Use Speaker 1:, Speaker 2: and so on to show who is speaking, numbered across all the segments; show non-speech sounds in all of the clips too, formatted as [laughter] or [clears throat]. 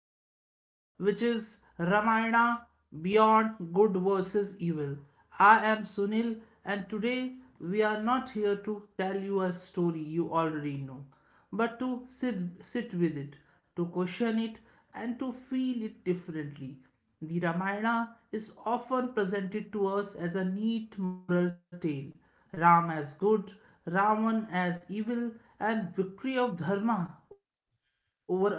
Speaker 1: our show, which is Ramayana Beyond Good versus Evil. I am Sunil, and today we are not here to tell you a story you already know, but to sit with it, to question it, and to feel it differently. The Ramayana is often presented to us as a neat moral tale: Ram as good, Ravan as evil, and victory of dharma over adharma.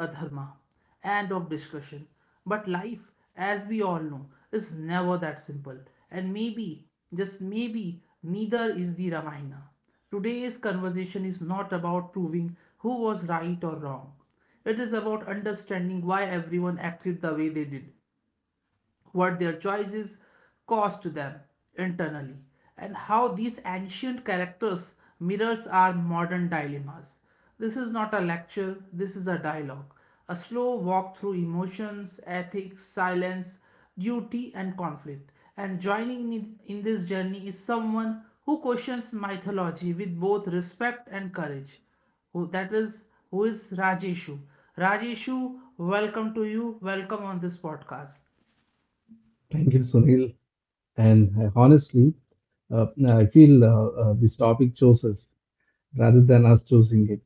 Speaker 1: End of discussion. But life, as we all know, is never that simple. And maybe, just maybe, neither is the Ramayana. Today's conversation is not about proving who was right or wrong. It is about understanding why everyone acted the way they did, what their choices cost them internally, and how these ancient characters mirrors our modern dilemmas. This is not a lecture, this is a dialogue, a slow walk through emotions, ethics, silence, duty and conflict. And joining me in this journey is someone who questions mythology with both respect and courage. Who that is? Who is Rajeshu? Rajeshu, welcome to you, welcome on this podcast.
Speaker 2: Thank you, Sunil. And I- honestly, I feel this topic chose us rather than us choosing it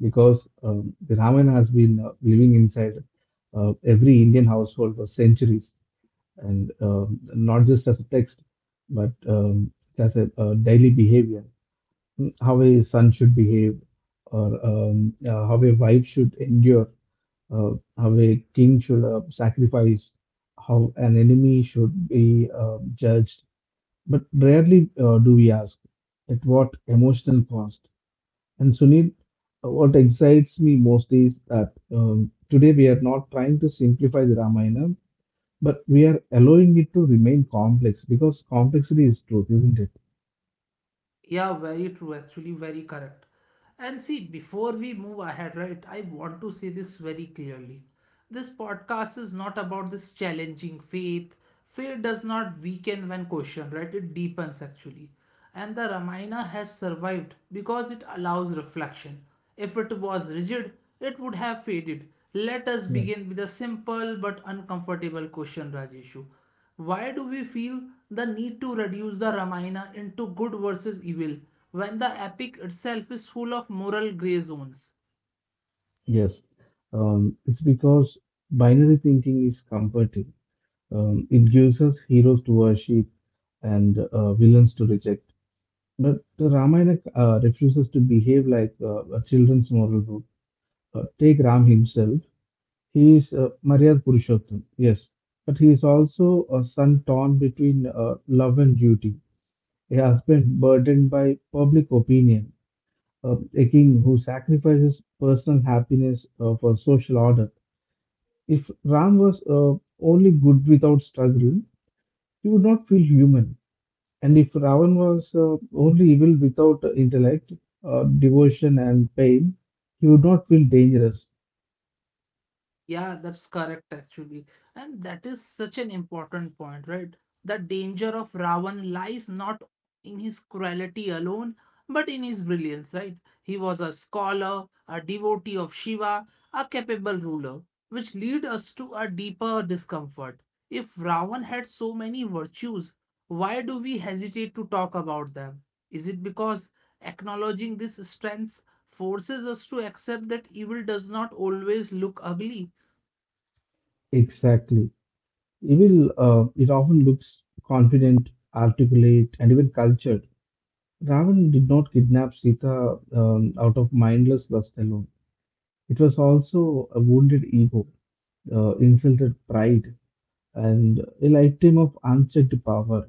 Speaker 2: because the Ramayana has been living inside every Indian household for centuries and not just as a text, but as a daily behavior. How a son should behave, or how a wife should endure, how a king should sacrifice, how an enemy should be judged, but rarely do we ask at what emotional cost. And Sunil, what excites me most is that today we are not trying to simplify the Ramayana, but we are allowing it to remain complex, because complexity is truth, isn't it?
Speaker 1: Yeah, very true, actually, very correct. And see, before we move ahead, right, I want to say this very clearly. This podcast is not about this challenging faith. Fear does not weaken when questioned, right? It deepens actually. And the Ramayana has survived because it allows reflection. If it was rigid, it would have faded. Let us
Speaker 2: Yeah.
Speaker 1: begin with a simple but uncomfortable question, Rajeshu. Why do we feel the need to reduce the Ramayana into good versus evil when the epic itself is full of moral grey zones?
Speaker 2: Yes, it's because binary thinking is comforting. It gives us heroes to worship and villains to reject. But the Ramayana refuses to behave like a children's moral book. Take Ram himself, he is Maryad Purushottam, yes. But he is also a son torn between love and duty, a husband burdened by public opinion, a king who sacrifices personal happiness for social order. If Ram was only good without struggle, he would not feel human. And if Ravan was only evil without intellect, devotion, and pain, he would not feel dangerous.
Speaker 1: Yeah, that's correct actually. And that is such an important point, right? The danger of Ravan lies not in his cruelty alone, but in his brilliance, right? He was a scholar, a devotee of Shiva, a capable ruler, which lead us to a deeper discomfort. If Ravan had so many virtues, why do we hesitate to talk about them? Is it because acknowledging these strengths forces us to accept that evil does not always look ugly?
Speaker 2: Exactly. Evil it often looks confident, articulate, and even cultured. Ravan did not kidnap Sita out of mindless lust alone. It was also a wounded ego, insulted pride, and a lifetime of unchecked power.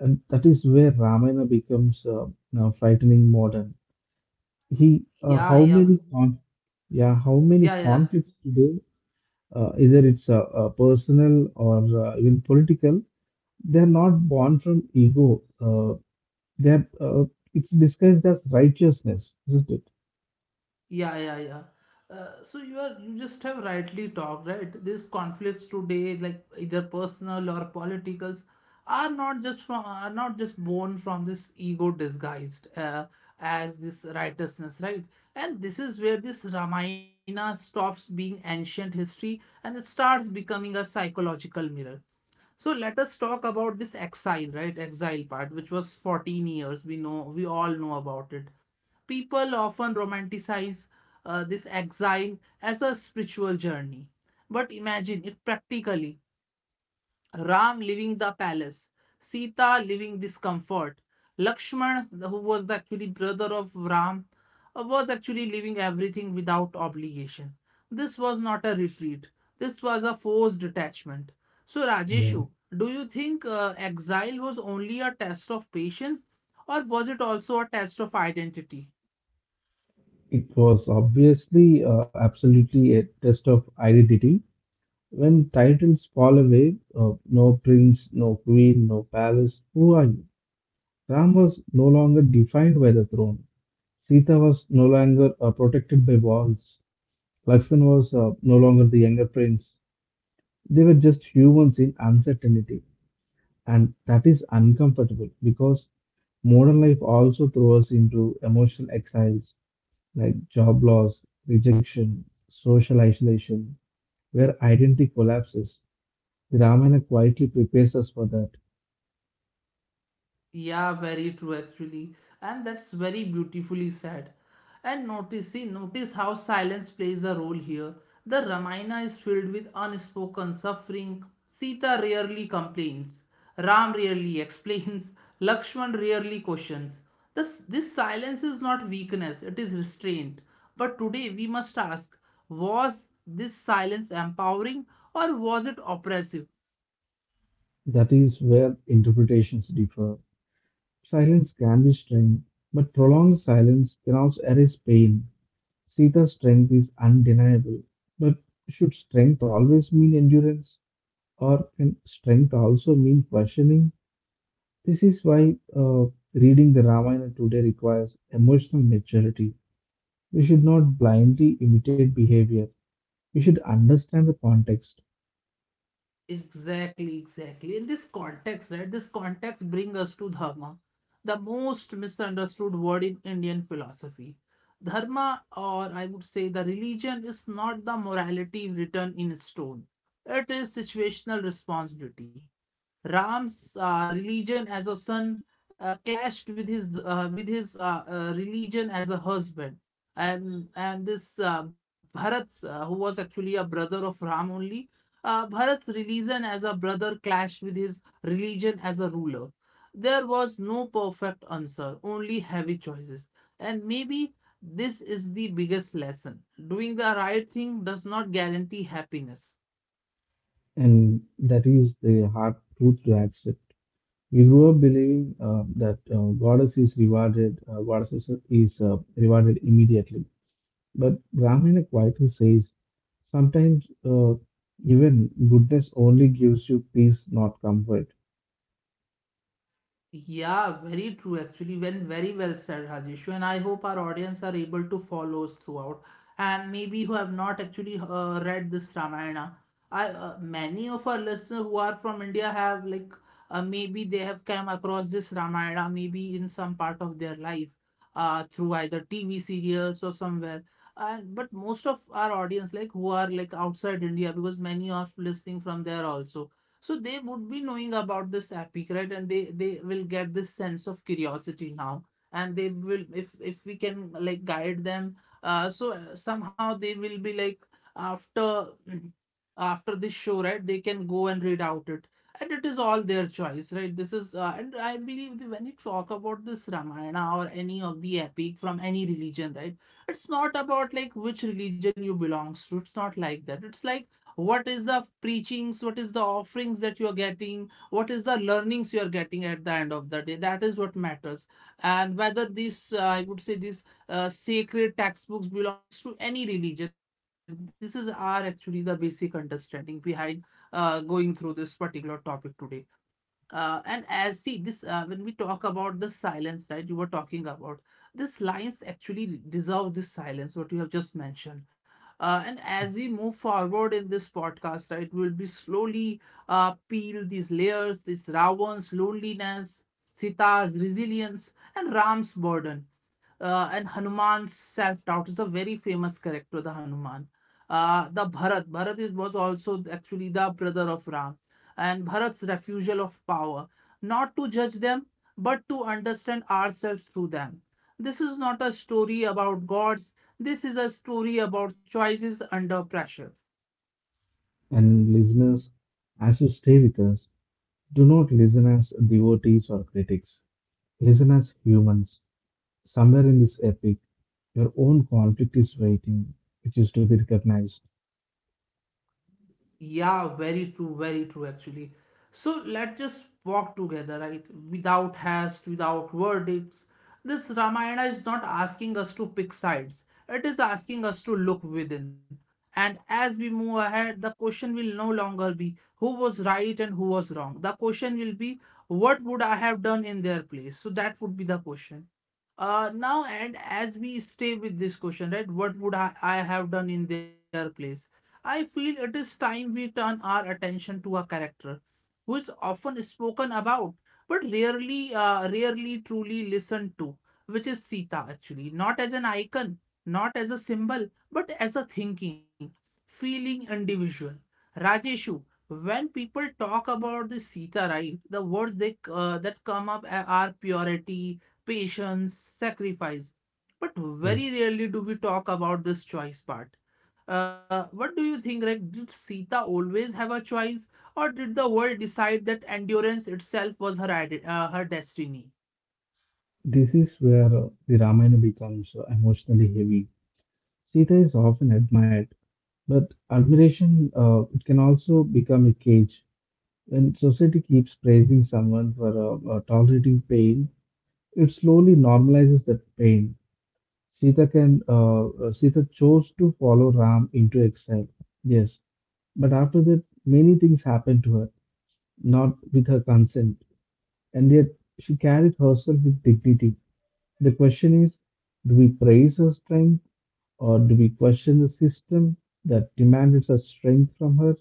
Speaker 2: And that is where Ramayana becomes now frightening modern. He,
Speaker 1: Yeah,
Speaker 2: how
Speaker 1: yeah,
Speaker 2: many con- yeah, how many
Speaker 1: yeah, yeah,
Speaker 2: conflicts today, either it's personal or even political, they're not born from ego. They're it's disguised as righteousness, isn't it?
Speaker 1: yeah, yeah, yeah. So you just have rightly talked, right? These conflicts today, like either personal or politicals, are not just born from this ego disguised as this righteousness, right? And this is where this Ramayana stops being ancient history and it starts becoming a psychological mirror. So let us talk about this exile, right? Exile part, which was 14 years. We all know about it. People often romanticize this exile as a spiritual journey. But imagine it practically. Ram leaving the palace, Sita leaving discomfort. Lakshman, who was actually brother of Ram, was actually leaving everything without obligation. This was not a retreat. This was a forced detachment. So
Speaker 2: Yeah,
Speaker 1: Rajeshu, do you think exile was only a test of patience or was it also a test of identity?
Speaker 2: it was obviously absolutely a test of identity. When titles fall away, no prince, no queen, no palace. Who are you? Ram was no longer defined by the throne. Sita was no longer protected by walls. Lakshman was no longer the younger prince. They were just humans in uncertainty. And that is uncomfortable because modern life also throws us into emotional exiles, like job loss, rejection, social isolation, where identity collapses. The Ramayana quietly prepares us for that.
Speaker 1: Yeah, very true actually. And that's very beautifully said. And notice, see, notice how silence plays a role here. The Ramayana is filled with unspoken suffering. Sita rarely complains. Ram rarely explains. [laughs] Lakshman rarely questions. This silence is not weakness, it is restraint. But today we must ask: was this silence empowering or was it oppressive?
Speaker 2: That is where interpretations differ. Silence can be strength, but prolonged silence can also erase pain. Sita's strength is undeniable, but should strength always mean endurance, or can strength also mean questioning? This is why reading the Ramayana today requires emotional maturity. We should not blindly imitate behavior, we should understand the context,
Speaker 1: Exactly, exactly. In this context, right, this context brings us to dharma, the most misunderstood word in Indian philosophy. Dharma, or I would say the religion, is not the morality written in stone, it is situational responsibility. Ram's religion as a son clashed with his religion as a husband, and this Bharat, who was actually a brother of Ram only, Bharat's religion as a brother clashed with his religion as a ruler. There was no perfect answer, only heavy choices. And maybe this is the biggest lesson. Doing the right thing does not guarantee happiness.
Speaker 2: and that is the hard truth to accept. We grew up believing that goddess is rewarded, goddesses is rewarded immediately. But Ramana quietly says, sometimes even goodness only gives you peace, not comfort.
Speaker 1: Yeah, very true actually. When very well said, Rajeshu. And I hope our audience are able to follow us throughout. And maybe who have not actually read this Ramayana, I many of our listeners who are from India have like maybe they have come across this Ramayana maybe in some part of their life through either TV serials or somewhere. And but most of our audience like who are like outside India because many are listening from there also, so they would be knowing about this epic, right? And they will get this sense of curiosity now. And they will, if we can like guide them, so somehow they will be like after [clears throat] after this show, right, they can go and read out it. And it is all their choice, right? this is And I believe that when you talk about this Ramayana or any of the epic from any religion, right, it's not about like which religion you belongs to, it's not like that, it's like what is the preachings, what is the offerings that you are getting, what is the learnings you are getting at the end of the day, that is what matters. And whether this, I would say this, sacred textbooks belongs to any religion, this is our actually the basic understanding behind going through this particular topic today. Uh, and as see this uh, when we talk about the silence, right, you were talking about, this lines actually dissolve this silence, what you have just mentioned. And as we move forward in this podcast, right, we'll be slowly, peel these layers, this Ravan's loneliness, Sita's resilience and Ram's burden. And Hanuman's self doubt is a very famous character, the Hanuman, the Bharat. Bharat was also actually the brother of Ram, and Bharat's refusal of power, not to judge them, but to understand ourselves through them. This is not a story about gods, this is a story about choices under pressure.
Speaker 2: And listeners, as you stay with us, do not listen as devotees or critics. Listen as humans. Somewhere in this epic, your own conflict is waiting, which is to be recognized.
Speaker 1: Yeah, very true actually. So let's just walk together, right? Without haste, without verdicts. This Ramayana is not asking us to pick sides, it is asking us to look within. And as we move ahead, the question will no longer be who was right and who was wrong. The question will be what would I have done in their place? So that would be the question. Now, and as we stay with this question, right, what would I have done in their place? I feel it is time we turn our attention to a character who is often spoken about but rarely truly listened to, which is Sita actually, not as an icon, not as a symbol, but as a thinking, feeling individual. Rajeshu, when people talk about the Sita, right, the words they that come up are purity, patience, sacrifice. But very rarely do we talk about this choice part, what do you think? Like, did Sita always have a choice, or did the world decide that endurance itself was her destiny?
Speaker 2: This is where the Ramayana becomes emotionally heavy. Sita is often admired, but admiration it can also become a cage. When society keeps praising someone for tolerating pain, it slowly normalizes that pain. Sita chose to follow Ram into exile. Yes, but after that, many things happened to her, not with her consent, and yet she carried herself with dignity. The question is, do we praise her strength, or do we question the system that demanded such strength from her?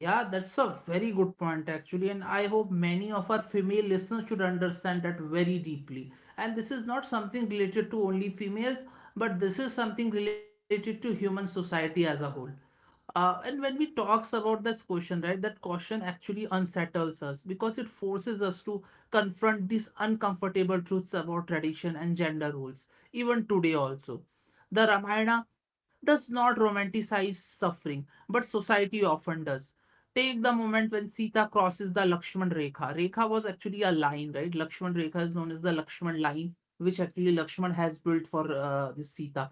Speaker 1: Yeah, that's a very good point actually, and I hope many of our female listeners should understand that very deeply. And this is not something related to only females, but this is something related to human society as a whole. And when we talks about this question, right, that question actually unsettles us because it forces us to confront these uncomfortable truths about tradition and gender roles, even today also. The Ramayana does not romanticize suffering, but society often does. Take the moment when Sita crosses the Lakshman Rekha. Rekha was actually a line, right? Lakshman Rekha is known as the Lakshman line, which actually Lakshman has built for this Sita.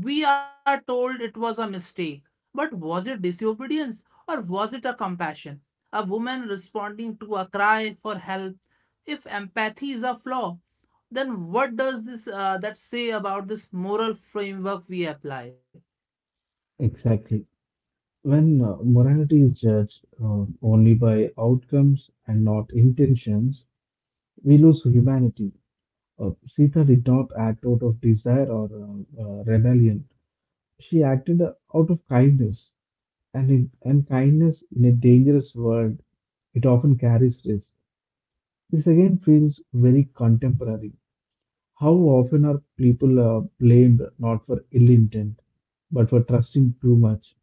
Speaker 1: We are told it was a mistake, but was it disobedience or was it a compassion? A woman responding to a cry for help. If empathy is a flaw, then what does this that say about this moral framework we apply?
Speaker 2: Exactly. When morality is judged only by outcomes and not intentions, we lose humanity. Sita did not act out of desire or rebellion. She acted out of kindness, and kindness in a dangerous world, it often carries risk. This again feels very contemporary. How often are people blamed not for ill intent, but for trusting too much?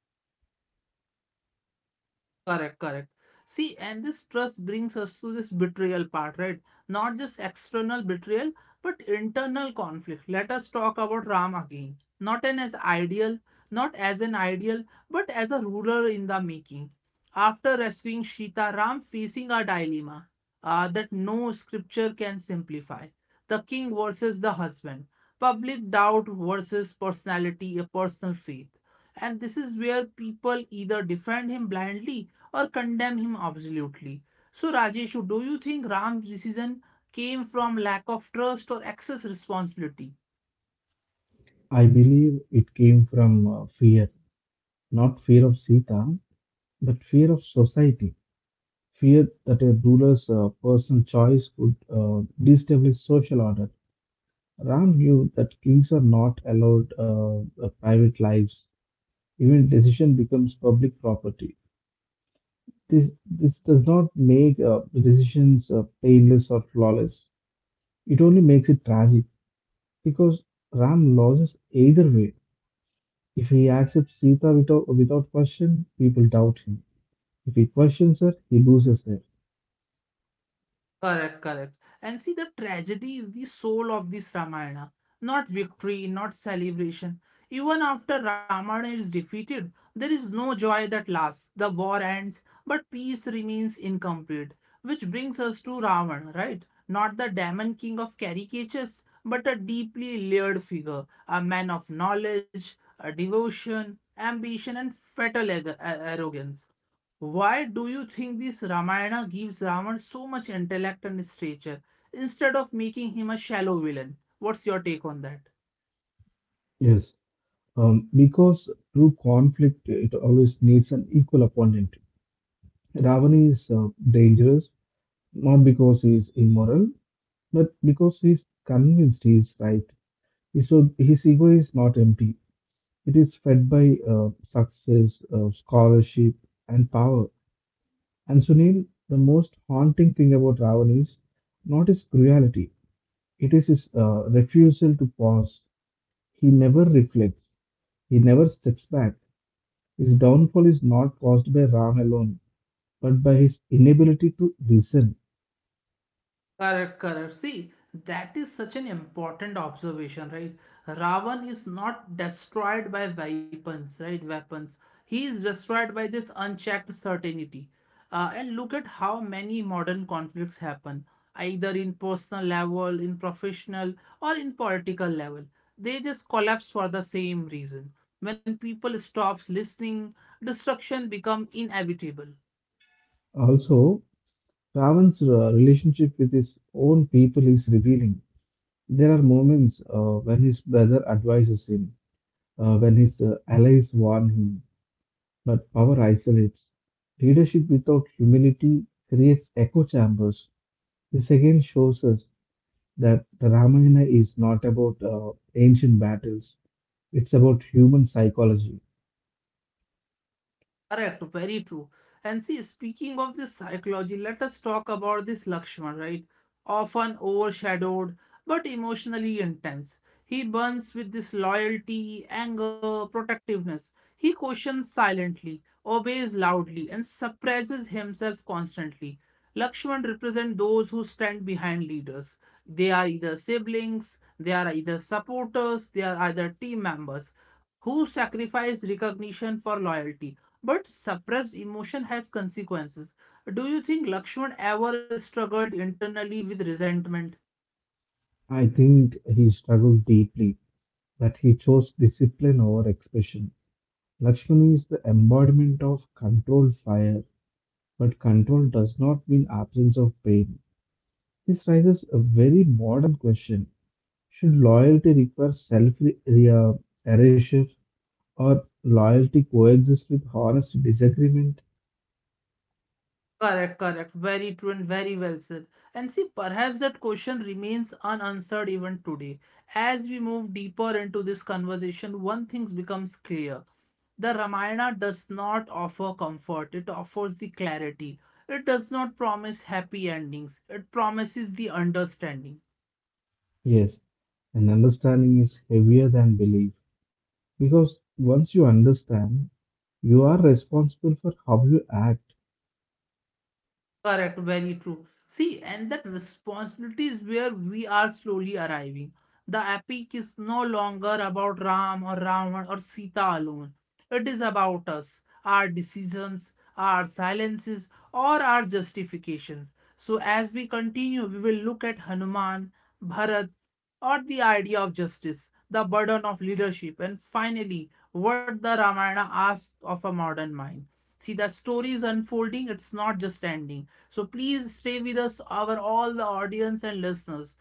Speaker 1: Correct, correct. See, and this trust brings us to this betrayal part, right? Not just external betrayal, but internal conflict. Let us talk about Ram again. Not as an ideal, but as a ruler in the making. After rescuing Sita, Ram facing a dilemma that no scripture can simplify. The king versus the husband. Public doubt versus personality, a personal faith, and this is where people either defend him blindly or condemn him absolutely. So, Rajeshu, do you think Ram's decision came from lack of trust or excess responsibility?
Speaker 2: I believe it came from fear, not fear of Sita, but fear of society, fear that a ruler's personal choice could destabilize social order. Ram knew that kings are not allowed private lives. Even decision becomes public property. This does not make the decisions painless or flawless. It only makes it tragic, because Ram loses either way. If he accepts Sita without question, people doubt him. If he questions her, he loses her.
Speaker 1: Correct, correct. And see, the tragedy is the soul of this Ramayana, not victory, not celebration. Even after Ramayana is defeated, there is no joy that lasts. The war ends, but peace remains incomplete. Which brings us to Ravan, right? Not the demon king of caricatures, but a deeply layered figure, a man of knowledge, a devotion, ambition, and fatal arrogance. Why do you think this Ramayana gives Ravan so much intellect and stature instead of making him a shallow villain? What's your take on that?
Speaker 2: Yes, because through conflict, it always needs an equal opponent. Ravana is dangerous, not because he is immoral, but because he is convinced he is right. So his ego is not empty. It is fed by success, scholarship, and power. And Sunil, the most haunting thing about Ravan is not his cruelty, it is his refusal to pause. He never reflects, he never steps back. His downfall is not caused by Ram alone, but by his inability to listen.
Speaker 1: Correct, correct. See, that is such an important observation, right? Ravan is not destroyed by weapons, right? Weapons. He is destroyed by this unchecked certainty. And look at how many modern conflicts happen, either in personal level, in professional, or in political level. They just collapse for the same reason. When people stops listening, destruction become inevitable.
Speaker 2: Also, Ravan's relationship with his own people is revealing. There are moments when his brother advises him, when his allies warn him, but power isolates. Leadership without humility creates echo chambers. This again shows us that the Ramayana is not about ancient battles, it's about human psychology.
Speaker 1: Correct, very true. And see, speaking of this psychology, let us talk about this Lakshman, right? Often overshadowed but emotionally intense. He burns with this loyalty, anger, protectiveness. He questions silently, obeys loudly, and suppresses himself constantly. Lakshman represent those who stand behind leaders. They are either siblings, they are either supporters, they are either team members who sacrifice recognition for loyalty. But suppressed emotion has consequences. Do you think Lakshman ever struggled internally with resentment?
Speaker 2: I think he struggled deeply, but he chose discipline over expression. Lakshmana is the embodiment of controlled fire, but control does not mean absence of pain. This raises a very modern question. Should loyalty require self erasure, or loyalty coexists with honest disagreement?
Speaker 1: Correct, correct. Very true and very well said. And see, perhaps that question remains unanswered even today. As we move deeper into this conversation, one thing becomes clear. The Ramayana does not offer comfort, it offers the clarity. It does not promise happy endings, it promises the understanding.
Speaker 2: Yes, and understanding is heavier than belief. Because once you understand, you are responsible for how you act.
Speaker 1: Correct, very true. See, and that responsibility is where we are slowly arriving. The epic is no longer about Ram or Ravan or Sita alone. It is about us, our decisions, our silences, or our justifications. So, as we continue, we will look at Hanuman, Bharat, or the idea of justice, the burden of leadership, and finally, what the Ramayana asks of a modern mind. See, the story is unfolding, it's not just ending. So please stay with us, our all the audience and listeners.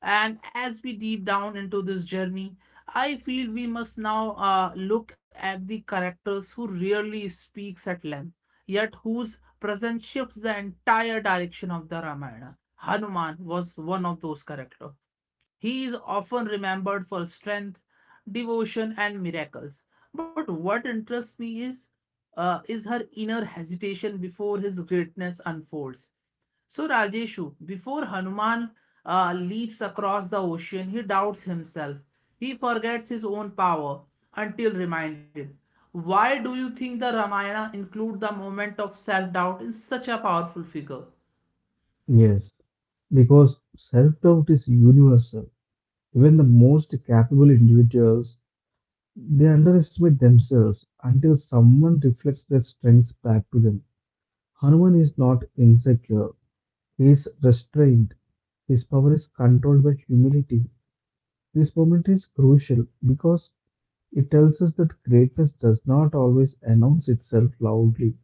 Speaker 1: And as we deep down into this journey, I feel we must now look at the characters who rarely speaks at length, yet whose presence shifts the entire direction of the Ramayana. Hanuman was one of those characters. He is often remembered for strength, devotion, and miracles. But what interests me is is her inner hesitation before his greatness unfolds. So Rajeshu, before Hanuman leaps across the ocean, he doubts himself. He forgets his own power until reminded. Why do you think the Ramayana include the moment of self-doubt in such a powerful figure?
Speaker 2: Yes, because self doubt is universal. Even the most capable individuals, they underestimate themselves until someone reflects their strengths back to them. Hanuman is not insecure, he is restrained. His power is controlled by humility. This moment is crucial because it tells us that greatness does not always announce itself loudly.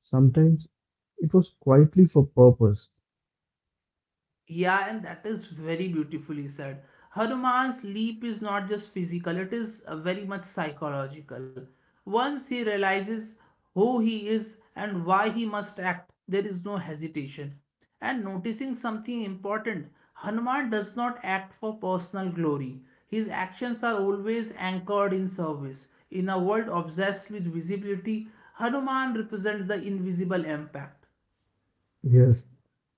Speaker 2: Sometimes it was quietly for purpose.
Speaker 1: Yeah, and that is very beautifully said. Hanuman's leap is not just physical, it is very much psychological. Once he realizes who he is and why he must act, there is no hesitation. And noticing something important, Hanuman does not act for personal glory. His actions are always anchored in service. In a world obsessed with visibility, Hanuman represents the invisible impact.
Speaker 2: Yes,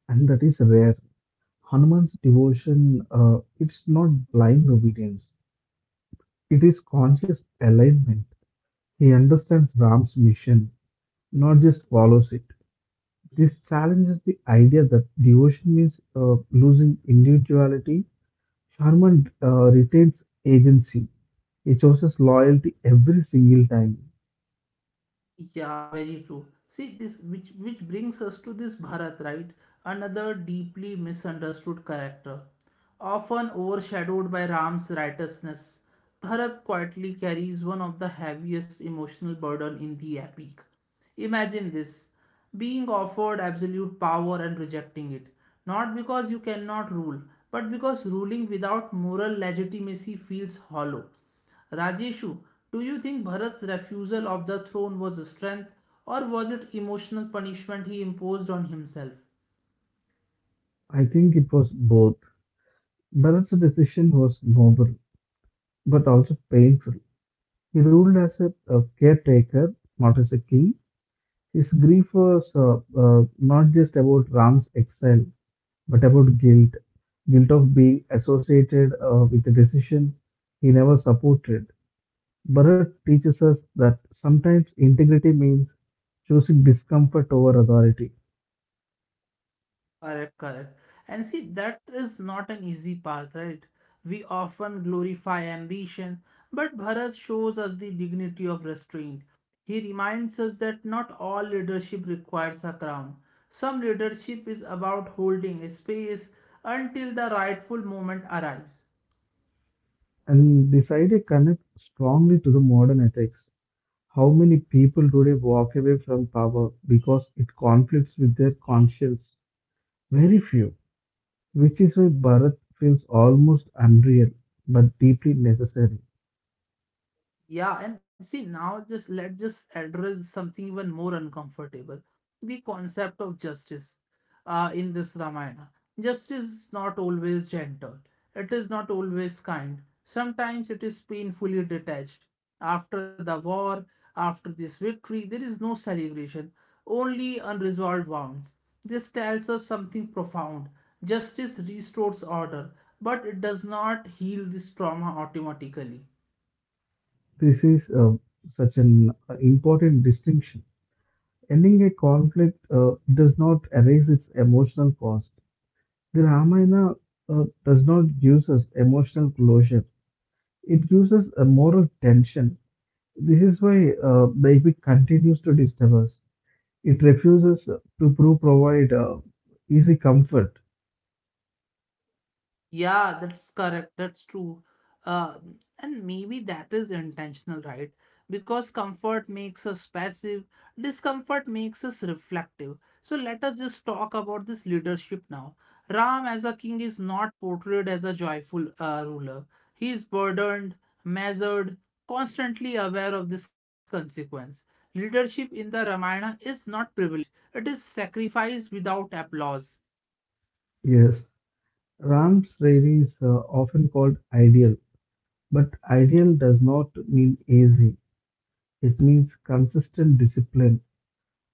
Speaker 2: and that is rare. Hanuman's devotion, it's not blind obedience. It is conscious alignment. He understands Ram's mission, not just follows it. This challenges the idea that devotion means losing individuality. Harmon retains agency. He chooses loyalty every single time.
Speaker 1: Yeah, very true. See this, which brings us to this Bharat, right? Another deeply misunderstood character, often overshadowed by Ram's righteousness. Bharat quietly carries one of the heaviest emotional burden in the epic. Imagine this being offered absolute power and rejecting it, not because you cannot rule, but because ruling without moral legitimacy feels hollow. Rajeshu, do you think Bharat's refusal of the throne was a strength or was it emotional punishment he imposed on himself?
Speaker 2: I think it was both. Barrett's decision was noble, but also painful. He ruled as a caretaker, not as a king. His grief was not just about Ram's exile, but about guilt, of being associated with a decision he never supported. Bharat teaches us that sometimes integrity means choosing discomfort over authority.
Speaker 1: Correct, correct. And see, that is not an easy path, right? We often glorify ambition, but Bharat shows us the dignity of restraint. He reminds us that not all leadership requires a crown. Some leadership is about holding a space until the rightful moment arrives.
Speaker 2: And this idea connects strongly to the modern ethics. How many people today walk away from power because it conflicts with their conscience? Very few, which is why Bharat feels almost unreal, but deeply necessary.
Speaker 1: Yeah, and see now just let's just address something even more uncomfortable. The concept of justice in this Ramayana. Justice is not always gentle. It is not always kind. Sometimes it is painfully detached. After the war, after this victory, there is no celebration, only unresolved wounds. This tells us something profound. Justice restores order, but it does not heal this trauma automatically.
Speaker 2: This is such an important distinction. Ending a conflict does not erase its emotional cost. The Ramayana does not give us emotional closure, it gives us a moral tension. This is why the epic continues to disturb us. It refuses to provide easy comfort.
Speaker 1: Yeah, that's correct. That's true. Uh, and maybe that is intentional, right? Because comfort makes us passive, discomfort makes us reflective. So let us just talk about this leadership now. Ram as a king is not portrayed as a joyful ruler. He is burdened, measured, constantly aware of this consequence. Leadership in the Ramayana is not privilege, it is sacrifice without applause.
Speaker 2: Yes, Ram's Ravi is often called ideal, but ideal does not mean easy, it means consistent discipline.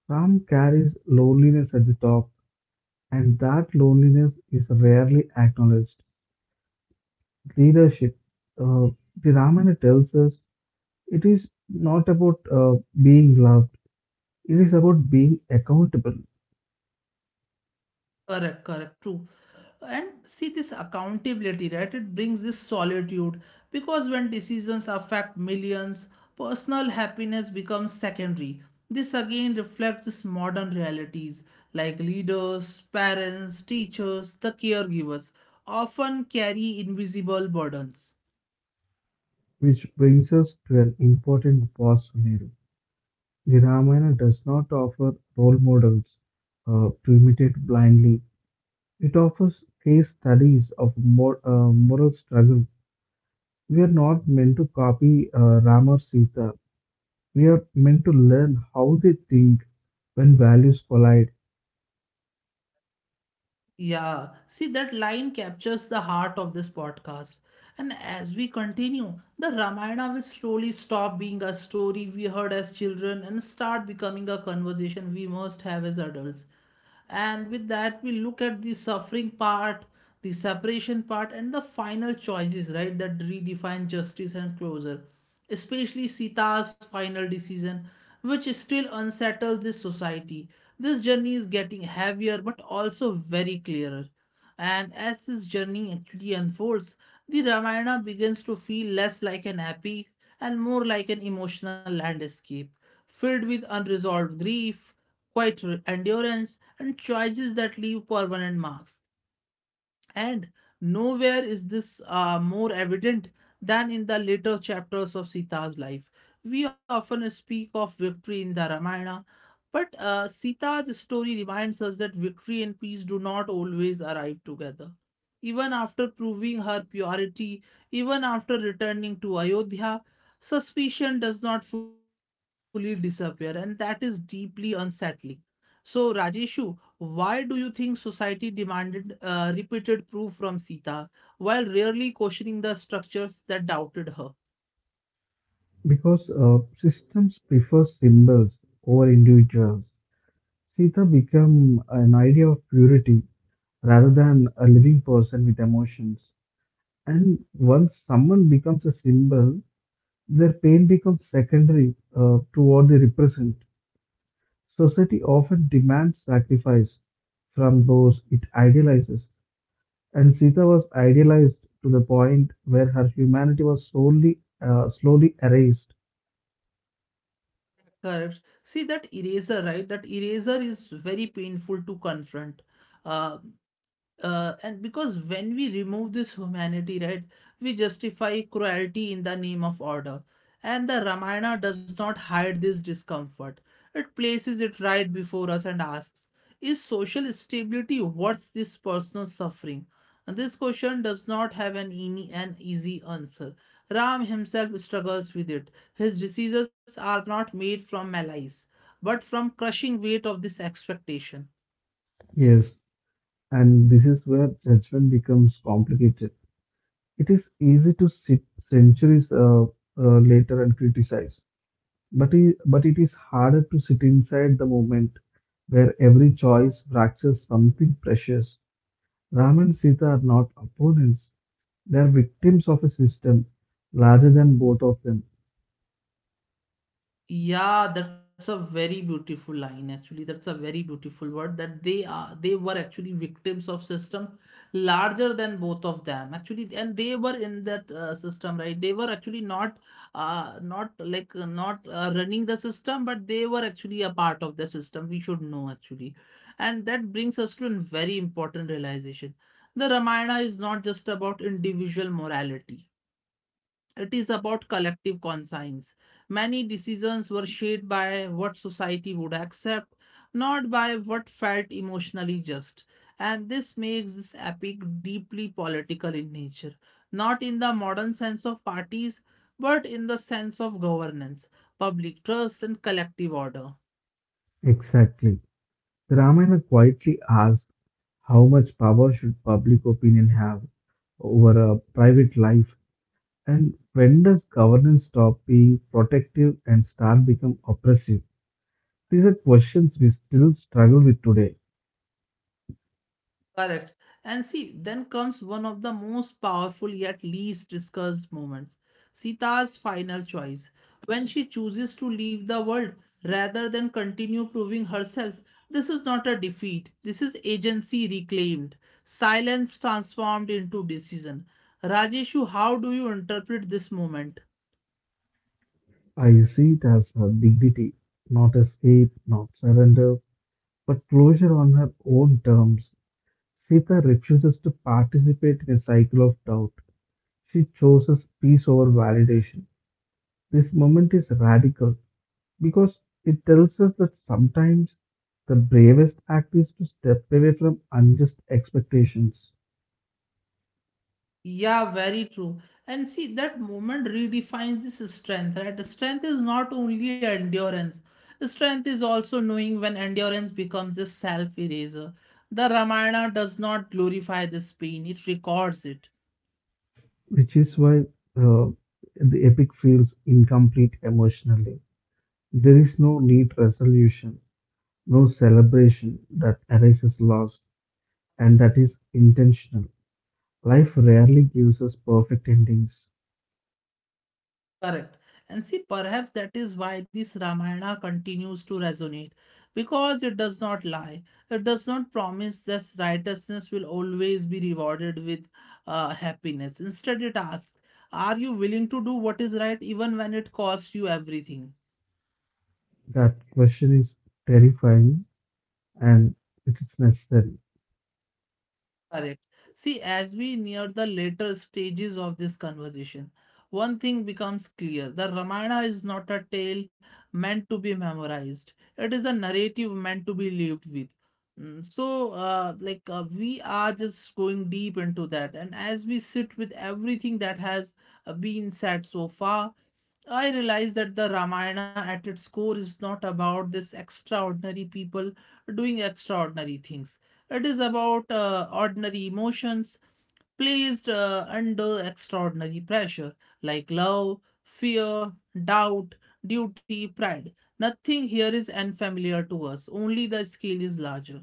Speaker 2: Ram carries loneliness at the top, and that loneliness is rarely acknowledged. Leadership. Uh, the Ramayana tells us it is not about being loved, it is about being accountable,
Speaker 1: Correct, correct, true. And see this accountability, right? It brings this solitude because when decisions affect millions, personal happiness becomes secondary. This again reflects this modern realities like leaders, parents, teachers, the caregivers often carry invisible burdens.
Speaker 2: which brings us to an important pause scenario. The Ramayana does not offer role models to imitate blindly, it offers case studies of moral struggle. We are not meant to copy Ram or Sita, we are meant to learn how they think when values collide.
Speaker 1: Yeah, see that line captures the heart of this podcast. And as we continue, the Ramayana will slowly stop being a story we heard as children and start becoming a conversation we must have as adults. And with that, we look at the suffering part, the separation part and the final choices, right, that redefine justice and closure, especially Sita's final decision, which still unsettles this society. This journey is getting heavier but also very clearer. And as this journey actually unfolds, the Ramayana begins to feel less like an epic and more like an emotional landscape filled with unresolved grief, endurance and choices that leave permanent marks. And nowhere is this more evident than in the later chapters of Sita's life. We often speak of victory in the Ramayana, but Sita's story reminds us that victory and peace do not always arrive together. Even after proving her purity, even after returning to Ayodhya, suspicion does not fully disappear, and that is deeply unsettling. So, Rajeshu, why do you think society demanded repeated proof from Sita while rarely questioning the structures that doubted her?
Speaker 2: Because systems prefer symbols over individuals, Sita became an idea of purity rather than a living person with emotions. And once someone becomes a symbol, their pain becomes secondary to what they represent. Society often demands sacrifice from those it idealizes, and Sita was idealized to the point where her humanity was slowly erased.
Speaker 1: Correct. See that eraser, right? That eraser is very painful to confront. Uh, and because when we remove this humanity, right, we justify cruelty in the name of order. And the Ramayana does not hide this discomfort, it places it right before us and asks, is social stability worth this personal suffering? And this question does not have an easy answer. Ram himself struggles with it. His decisions are not made from malice, but from crushing weight of this expectation.
Speaker 2: Yes, and this is where judgment becomes complicated. It is easy to sit centuries later and criticize, but it is harder to sit inside the moment where every choice fractures something precious. Ram and Sita are not opponents, they are victims of a system larger than both of them.
Speaker 1: Yeah, that's a very beautiful line actually. That's a very beautiful word that they were actually victims of system larger than both of them actually, and they were in that system, right, they were actually not running the system, but they were actually a part of the system, we should know actually. And that brings us to a very important realization. The Ramayana is not just about individual morality, it is about collective conscience. Many decisions were shaped by what society would accept, not by what felt emotionally just. And this makes this epic deeply political in nature, not in the modern sense of parties, but in the sense of governance, public trust, and collective order.
Speaker 2: Exactly. The Ramayana quietly asks, how much power should public opinion have over a private life? And when does governance stop being protective and start become oppressive? These are questions we still struggle with today.
Speaker 1: Correct. And see, then comes one of the most powerful yet least discussed moments, Sita's final choice. When she chooses to leave the world rather than continue proving herself, this is not a defeat. This is agency reclaimed, silence transformed into decision. Rajeshu, how do you interpret this moment?
Speaker 2: I see it as her dignity, not escape, not surrender, but closure on her own terms. Sita refuses to participate in a cycle of doubt. She chooses peace over validation. This moment is radical because it tells us that sometimes the bravest act is to step away from unjust expectations.
Speaker 1: Yeah, very true. And see, that moment redefines this strength, right? Strength is not only endurance, strength is also knowing when endurance becomes a self eraser. The Ramayana does not glorify this pain, it records it.
Speaker 2: Which is why uh, the epic feels incomplete emotionally. There is no neat resolution, no celebration that erases loss, and that is intentional. Life rarely gives us perfect endings.
Speaker 1: Correct. And see, perhaps that is why this Ramayana continues to resonate, because it does not lie. It does not promise that righteousness will always be rewarded with happiness. Instead, it asks, are you willing to do what is right even when it costs you everything?
Speaker 2: That question is terrifying and it is necessary.
Speaker 1: Correct. See, as we near the later stages of this conversation, one thing becomes clear. The Ramayana is not a tale meant to be memorized. It is a narrative meant to be lived with. Mm. We are just going deep into that. And as we sit with everything that has been said so far, I realize that the Ramayana at its core is not about this extraordinary people doing extraordinary things. It is about ordinary emotions placed under extraordinary pressure, like love, fear, doubt, duty, pride. Nothing here is unfamiliar to us, only the scale is larger.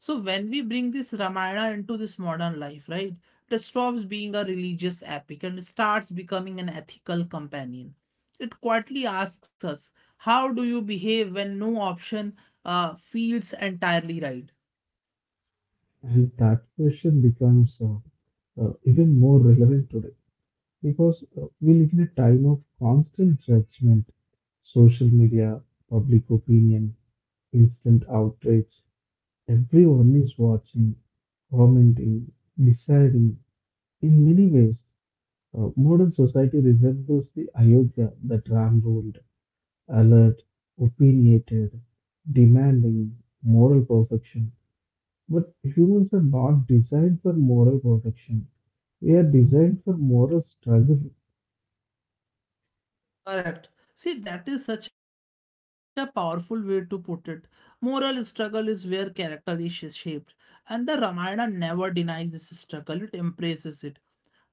Speaker 1: So, when we bring this Ramayana into this modern life, right, it stops being a religious epic and starts becoming an ethical companion. It quietly asks us, how do you behave when no option feels entirely right?
Speaker 2: And that question becomes even more relevant today, because we live in a time of constant judgment, social media, public opinion, instant outrage. Everyone is watching, commenting, deciding. In many ways, modern society resembles the Ayodhya that Ram ruled, alert, opinionated, demanding moral perfection. But humans are not designed for moral perfection. We are designed for moral struggle.
Speaker 1: Correct. See, that is such a powerful way to put it. Moral struggle is where character is shaped, and the Ramayana never denies this struggle, it embraces it.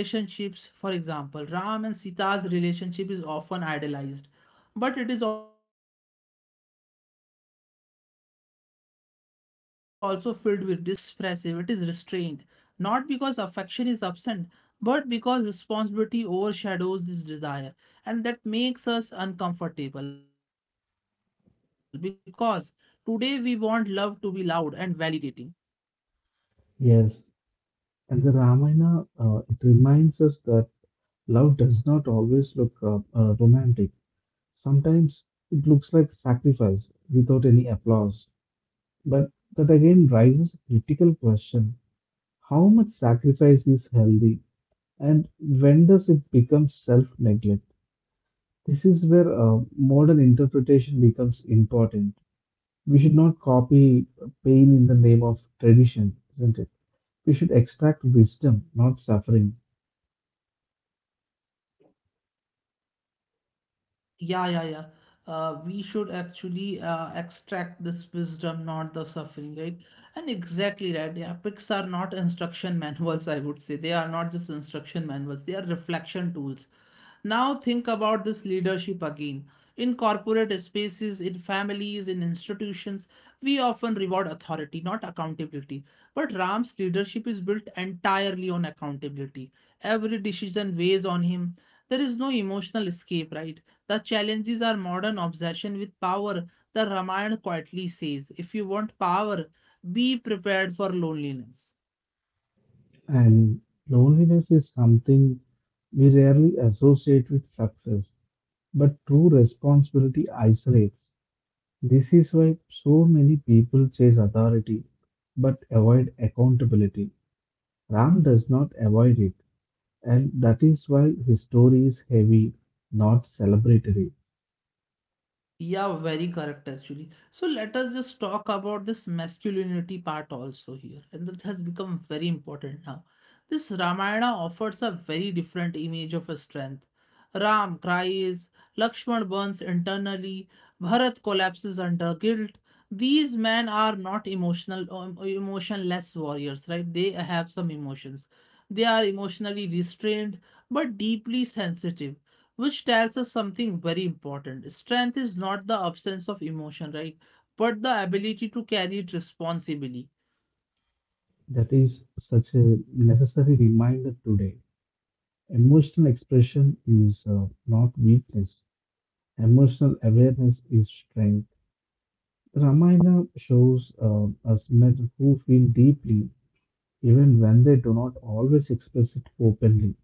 Speaker 1: Take relationships, for example, Ram and Sita's relationship is often idealized, but it is also filled with distance, misunderstanding, and silence. Love here is not expressive, it is restrained, not because affection is absent, but because responsibility overshadows this desire, and that makes us uncomfortable because today we want love to be loud and validating.
Speaker 2: Yes, and the Ramayana, it reminds us that love does not always look romantic. Sometimes it looks like sacrifice without any applause. But that again raises a critical question. How much sacrifice is healthy? And when does it become self-neglect? This is where modern interpretation becomes important. We should not copy pain in the name of tradition, isn't it? We should extract wisdom, not suffering.
Speaker 1: Yeah, yeah, yeah. We should actually extract this wisdom, not the suffering, right? And exactly right. The epics are not instruction [laughs] manuals, I would say. They are not just instruction manuals, they are reflection tools. Now think about this leadership again. In corporate spaces, in families, in institutions, we often reward authority, not accountability. But Ram's leadership is built entirely on accountability. Every decision weighs on him. There is no emotional escape, right? The challenges are modern obsession with power. The Ramayana quietly says, if you want power, be prepared for loneliness.
Speaker 2: And loneliness is something we rarely associate with success, but true responsibility isolates. This is why so many people chase authority but avoid accountability. Ram does not avoid it, and that is why his story is heavy, not celebratory.
Speaker 1: Yeah, very correct actually. So let us just talk about this masculinity part also here, and that has become very important now. This Ramayana offers a very different image of a strength. Ram cries, Lakshman burns internally, Bharat collapses under guilt. These men are not emotionless warriors, right? They have some emotions. They are emotionally restrained but deeply sensitive, which tells us something very important. Strength is not the absence of emotion, right? But the ability to carry it responsibly.
Speaker 2: That is such a necessary reminder today. Emotional expression is not weakness. Emotional awareness is strength. Ramayana shows us men who feel deeply even when they do not always express it openly.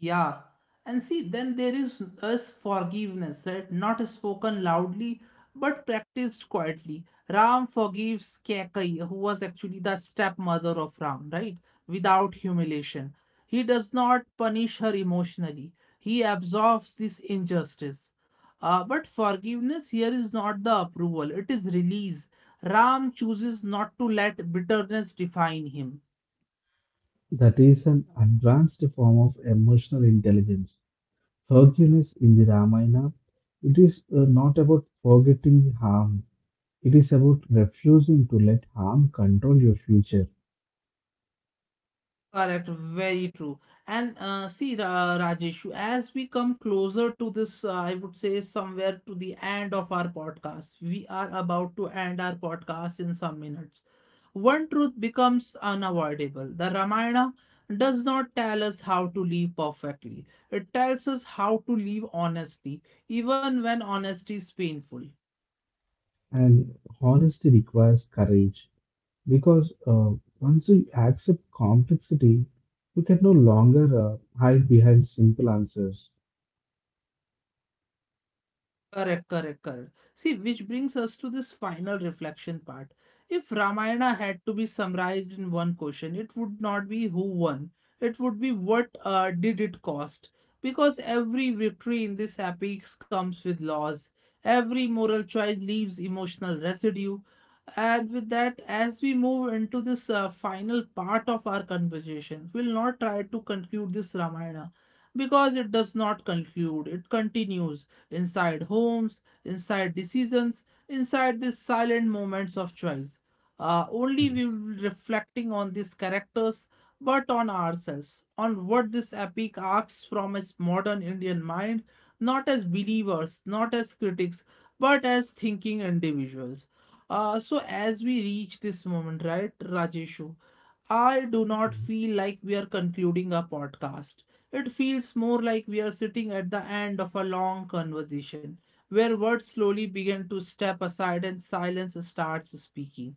Speaker 1: Yeah, and see, then there is us forgiveness, right? Not spoken loudly, but practiced quietly. Ram forgives Kekai, who was actually the stepmother of Ram, right? Without humiliation. He does not punish her emotionally, he absorbs this injustice. But forgiveness here is not the approval, it is release. Ram chooses not to let bitterness define him.
Speaker 2: That is an advanced form of emotional intelligence. Forgiveness in the Ramayana, it is not about forgetting harm. It is about refusing to let harm control your future.
Speaker 1: Correct, very true. And see, Rajesh, as we come closer to this, I would say somewhere to the end of our podcast, we are about to end our podcast in some minutes. One truth becomes unavoidable. The Ramayana does not tell us how to live perfectly, it tells us how to live honestly, even when honesty is painful.
Speaker 2: And honesty requires courage. Because once you accept complexity, you can no longer hide behind simple answers.
Speaker 1: Correct, correct, correct. See, which brings us to this final reflection part. If Ramayana had to be summarized in one question, it would not be who won, it would be what did it cost. Because every victory in this epic comes with loss. Every moral choice leaves emotional residue. And with that, as we move into this final part of our conversation, we'll not try to conclude this Ramayana because it does not conclude, it continues inside homes, inside decisions, inside these silent moments of choice. Only we will be reflecting on these characters, but on ourselves, on what this epic asks from its modern Indian mind, not as believers, not as critics, but as thinking individuals. So as we reach this moment, right, Rajeshu, I do not feel like we are concluding a podcast. It feels more like we are sitting at the end of a long conversation where words slowly begin to step aside and silence starts speaking.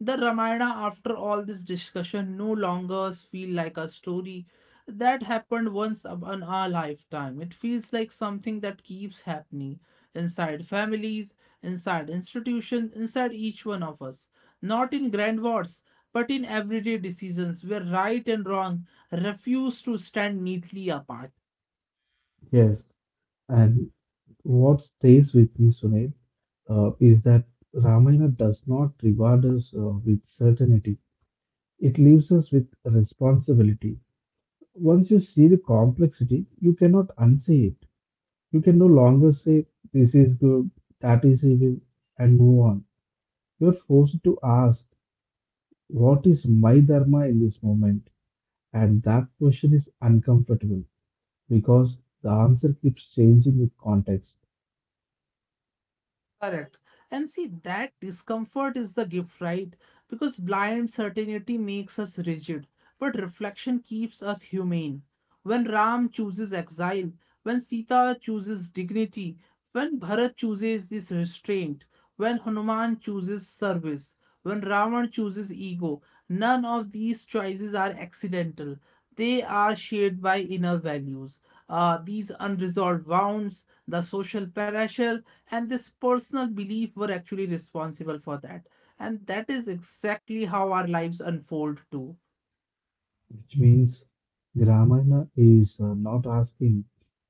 Speaker 1: The Ramayana, after all this discussion, no longer feels like a story that happened once in our lifetime. It feels like something that keeps happening inside families, inside institutions, inside each one of us. Not in grand wars, but in everyday decisions where right and wrong refuse to stand neatly apart.
Speaker 2: Yes, and what stays with me, Sunil, is that Ramayana does not reward us with certainty. It leaves us with responsibility. Once you see the complexity, you cannot unsee it. You can no longer say, this is good, that is evil, and move on. You're forced to ask, what is my dharma in this moment? And that question is uncomfortable because the answer keeps changing with context.
Speaker 1: Correct. And see, that discomfort is the gift, right? Because blind certainty makes us rigid, but reflection keeps us humane. When Ram chooses exile, when Sita chooses dignity, when Bharat chooses this restraint, when Hanuman chooses service, when Ravan chooses ego, none of these choices are accidental. They are shaped by inner values. These unresolved wounds, the social pressure, and this personal belief were actually responsible for that. And that is exactly how our lives unfold too.
Speaker 2: Which means the Ramayana is not asking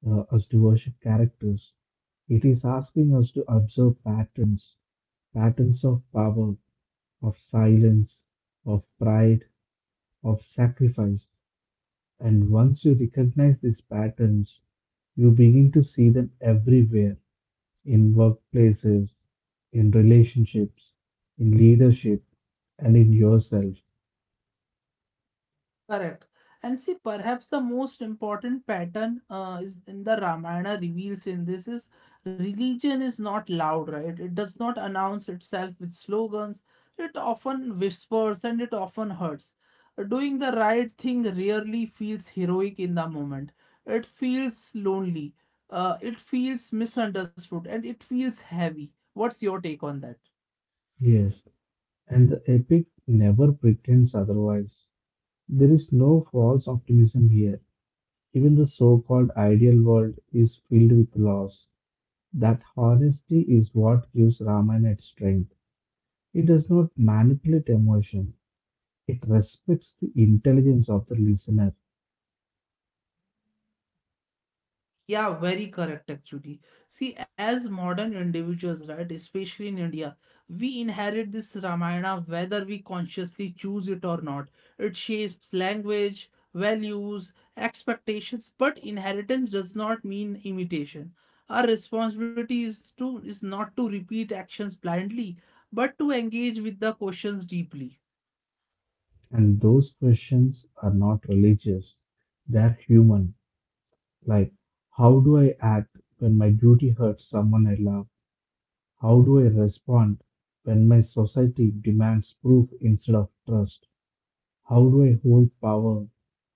Speaker 2: us to worship characters. It is asking us to observe patterns, patterns of power, of silence, of pride, of sacrifice. And once you recognize these patterns, you begin to see them everywhere, in workplaces, in relationships, in leadership, and in yourself.
Speaker 1: Correct. And see, perhaps the most important pattern is in the Ramayana reveals in this is religion is not loud, right? It does not announce itself with slogans. It often whispers and it often hurts. Doing the right thing rarely feels heroic in the moment. It feels lonely. It feels misunderstood and it feels heavy. What's your take on that?
Speaker 2: Yes, and the epic never pretends otherwise. There is no false optimism here. Even the so called ideal world is filled with loss. That honesty is what gives Ramayana its strength. It does not manipulate emotion, it respects the intelligence of the listener.
Speaker 1: Yeah, very correct actually. See, as modern individuals, right, especially in India, we inherit this Ramayana whether we consciously choose it or not. It shapes language, values, expectations, but inheritance does not mean imitation. Our responsibility is to is not to repeat actions blindly, but to engage with the questions deeply.
Speaker 2: And those questions are not religious, they are human. Like, how do I act when my duty hurts someone I love? How do I respond when my society demands proof instead of trust? How do I hold power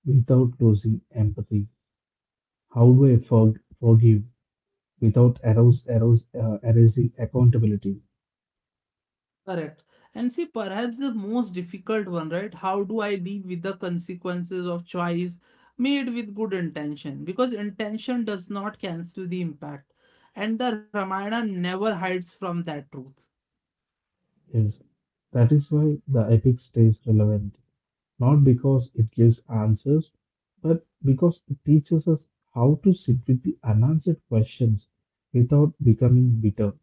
Speaker 2: without losing empathy? How do I forg- forgive without eros- eros- erasing accountability?
Speaker 1: Correct. And see, perhaps the most difficult one, right? How do I live with the consequences of choice made with good intention? Because intention does not cancel the impact. And the Ramayana never hides from that truth.
Speaker 2: Yes, that is why the epic stays relevant, not because it gives answers, but because it teaches us how to sit with the unanswered questions without becoming bitter.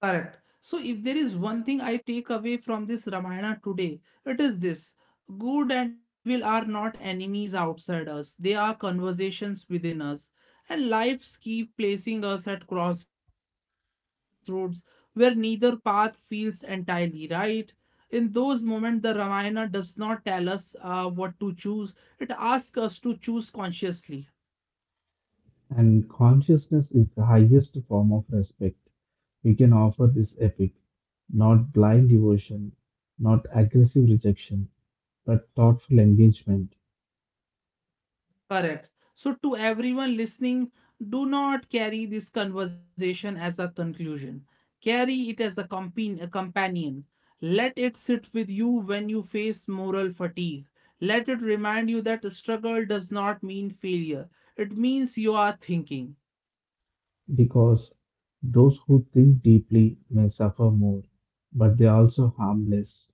Speaker 1: Correct. So, if there is one thing I take away from this Ramayana today, it is this: good and evil are not enemies outside us, they are conversations within us. And lives keep placing us at crossroads where neither path feels entirely right. In those moments, the Ramayana does not tell us what to choose, it asks us to choose consciously.
Speaker 2: And consciousness is the highest form of respect we can offer this epic. Not blind devotion, not aggressive rejection, but thoughtful engagement.
Speaker 1: Correct. So, to everyone listening, do not carry this conversation as a conclusion. Carry it as a, a companion. Let it sit with you when you face moral fatigue. Let it remind you that struggle does not mean failure, it means you are thinking.
Speaker 2: Because those who think deeply may suffer more, but they are also harmless.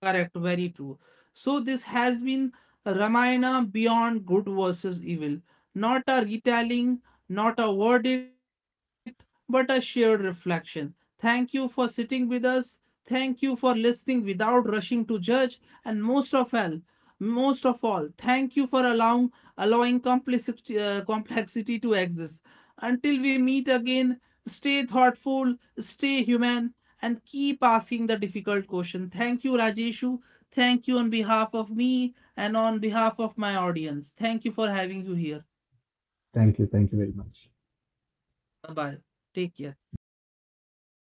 Speaker 1: Correct, very true. So this has been Ramayana beyond good versus evil, not a retelling, not a verdict, but a shared reflection. Thank you for sitting with us. Thank you for listening without rushing to judge, and most of all, thank you for allowing complexity to exist. Until we meet again, stay thoughtful, stay human, and keep asking the difficult question. Thank you, Rajeshu. Thank you on behalf of me and on behalf of my audience. Thank you for having you here.
Speaker 2: Thank you. Thank you very much.
Speaker 1: Bye. Take care.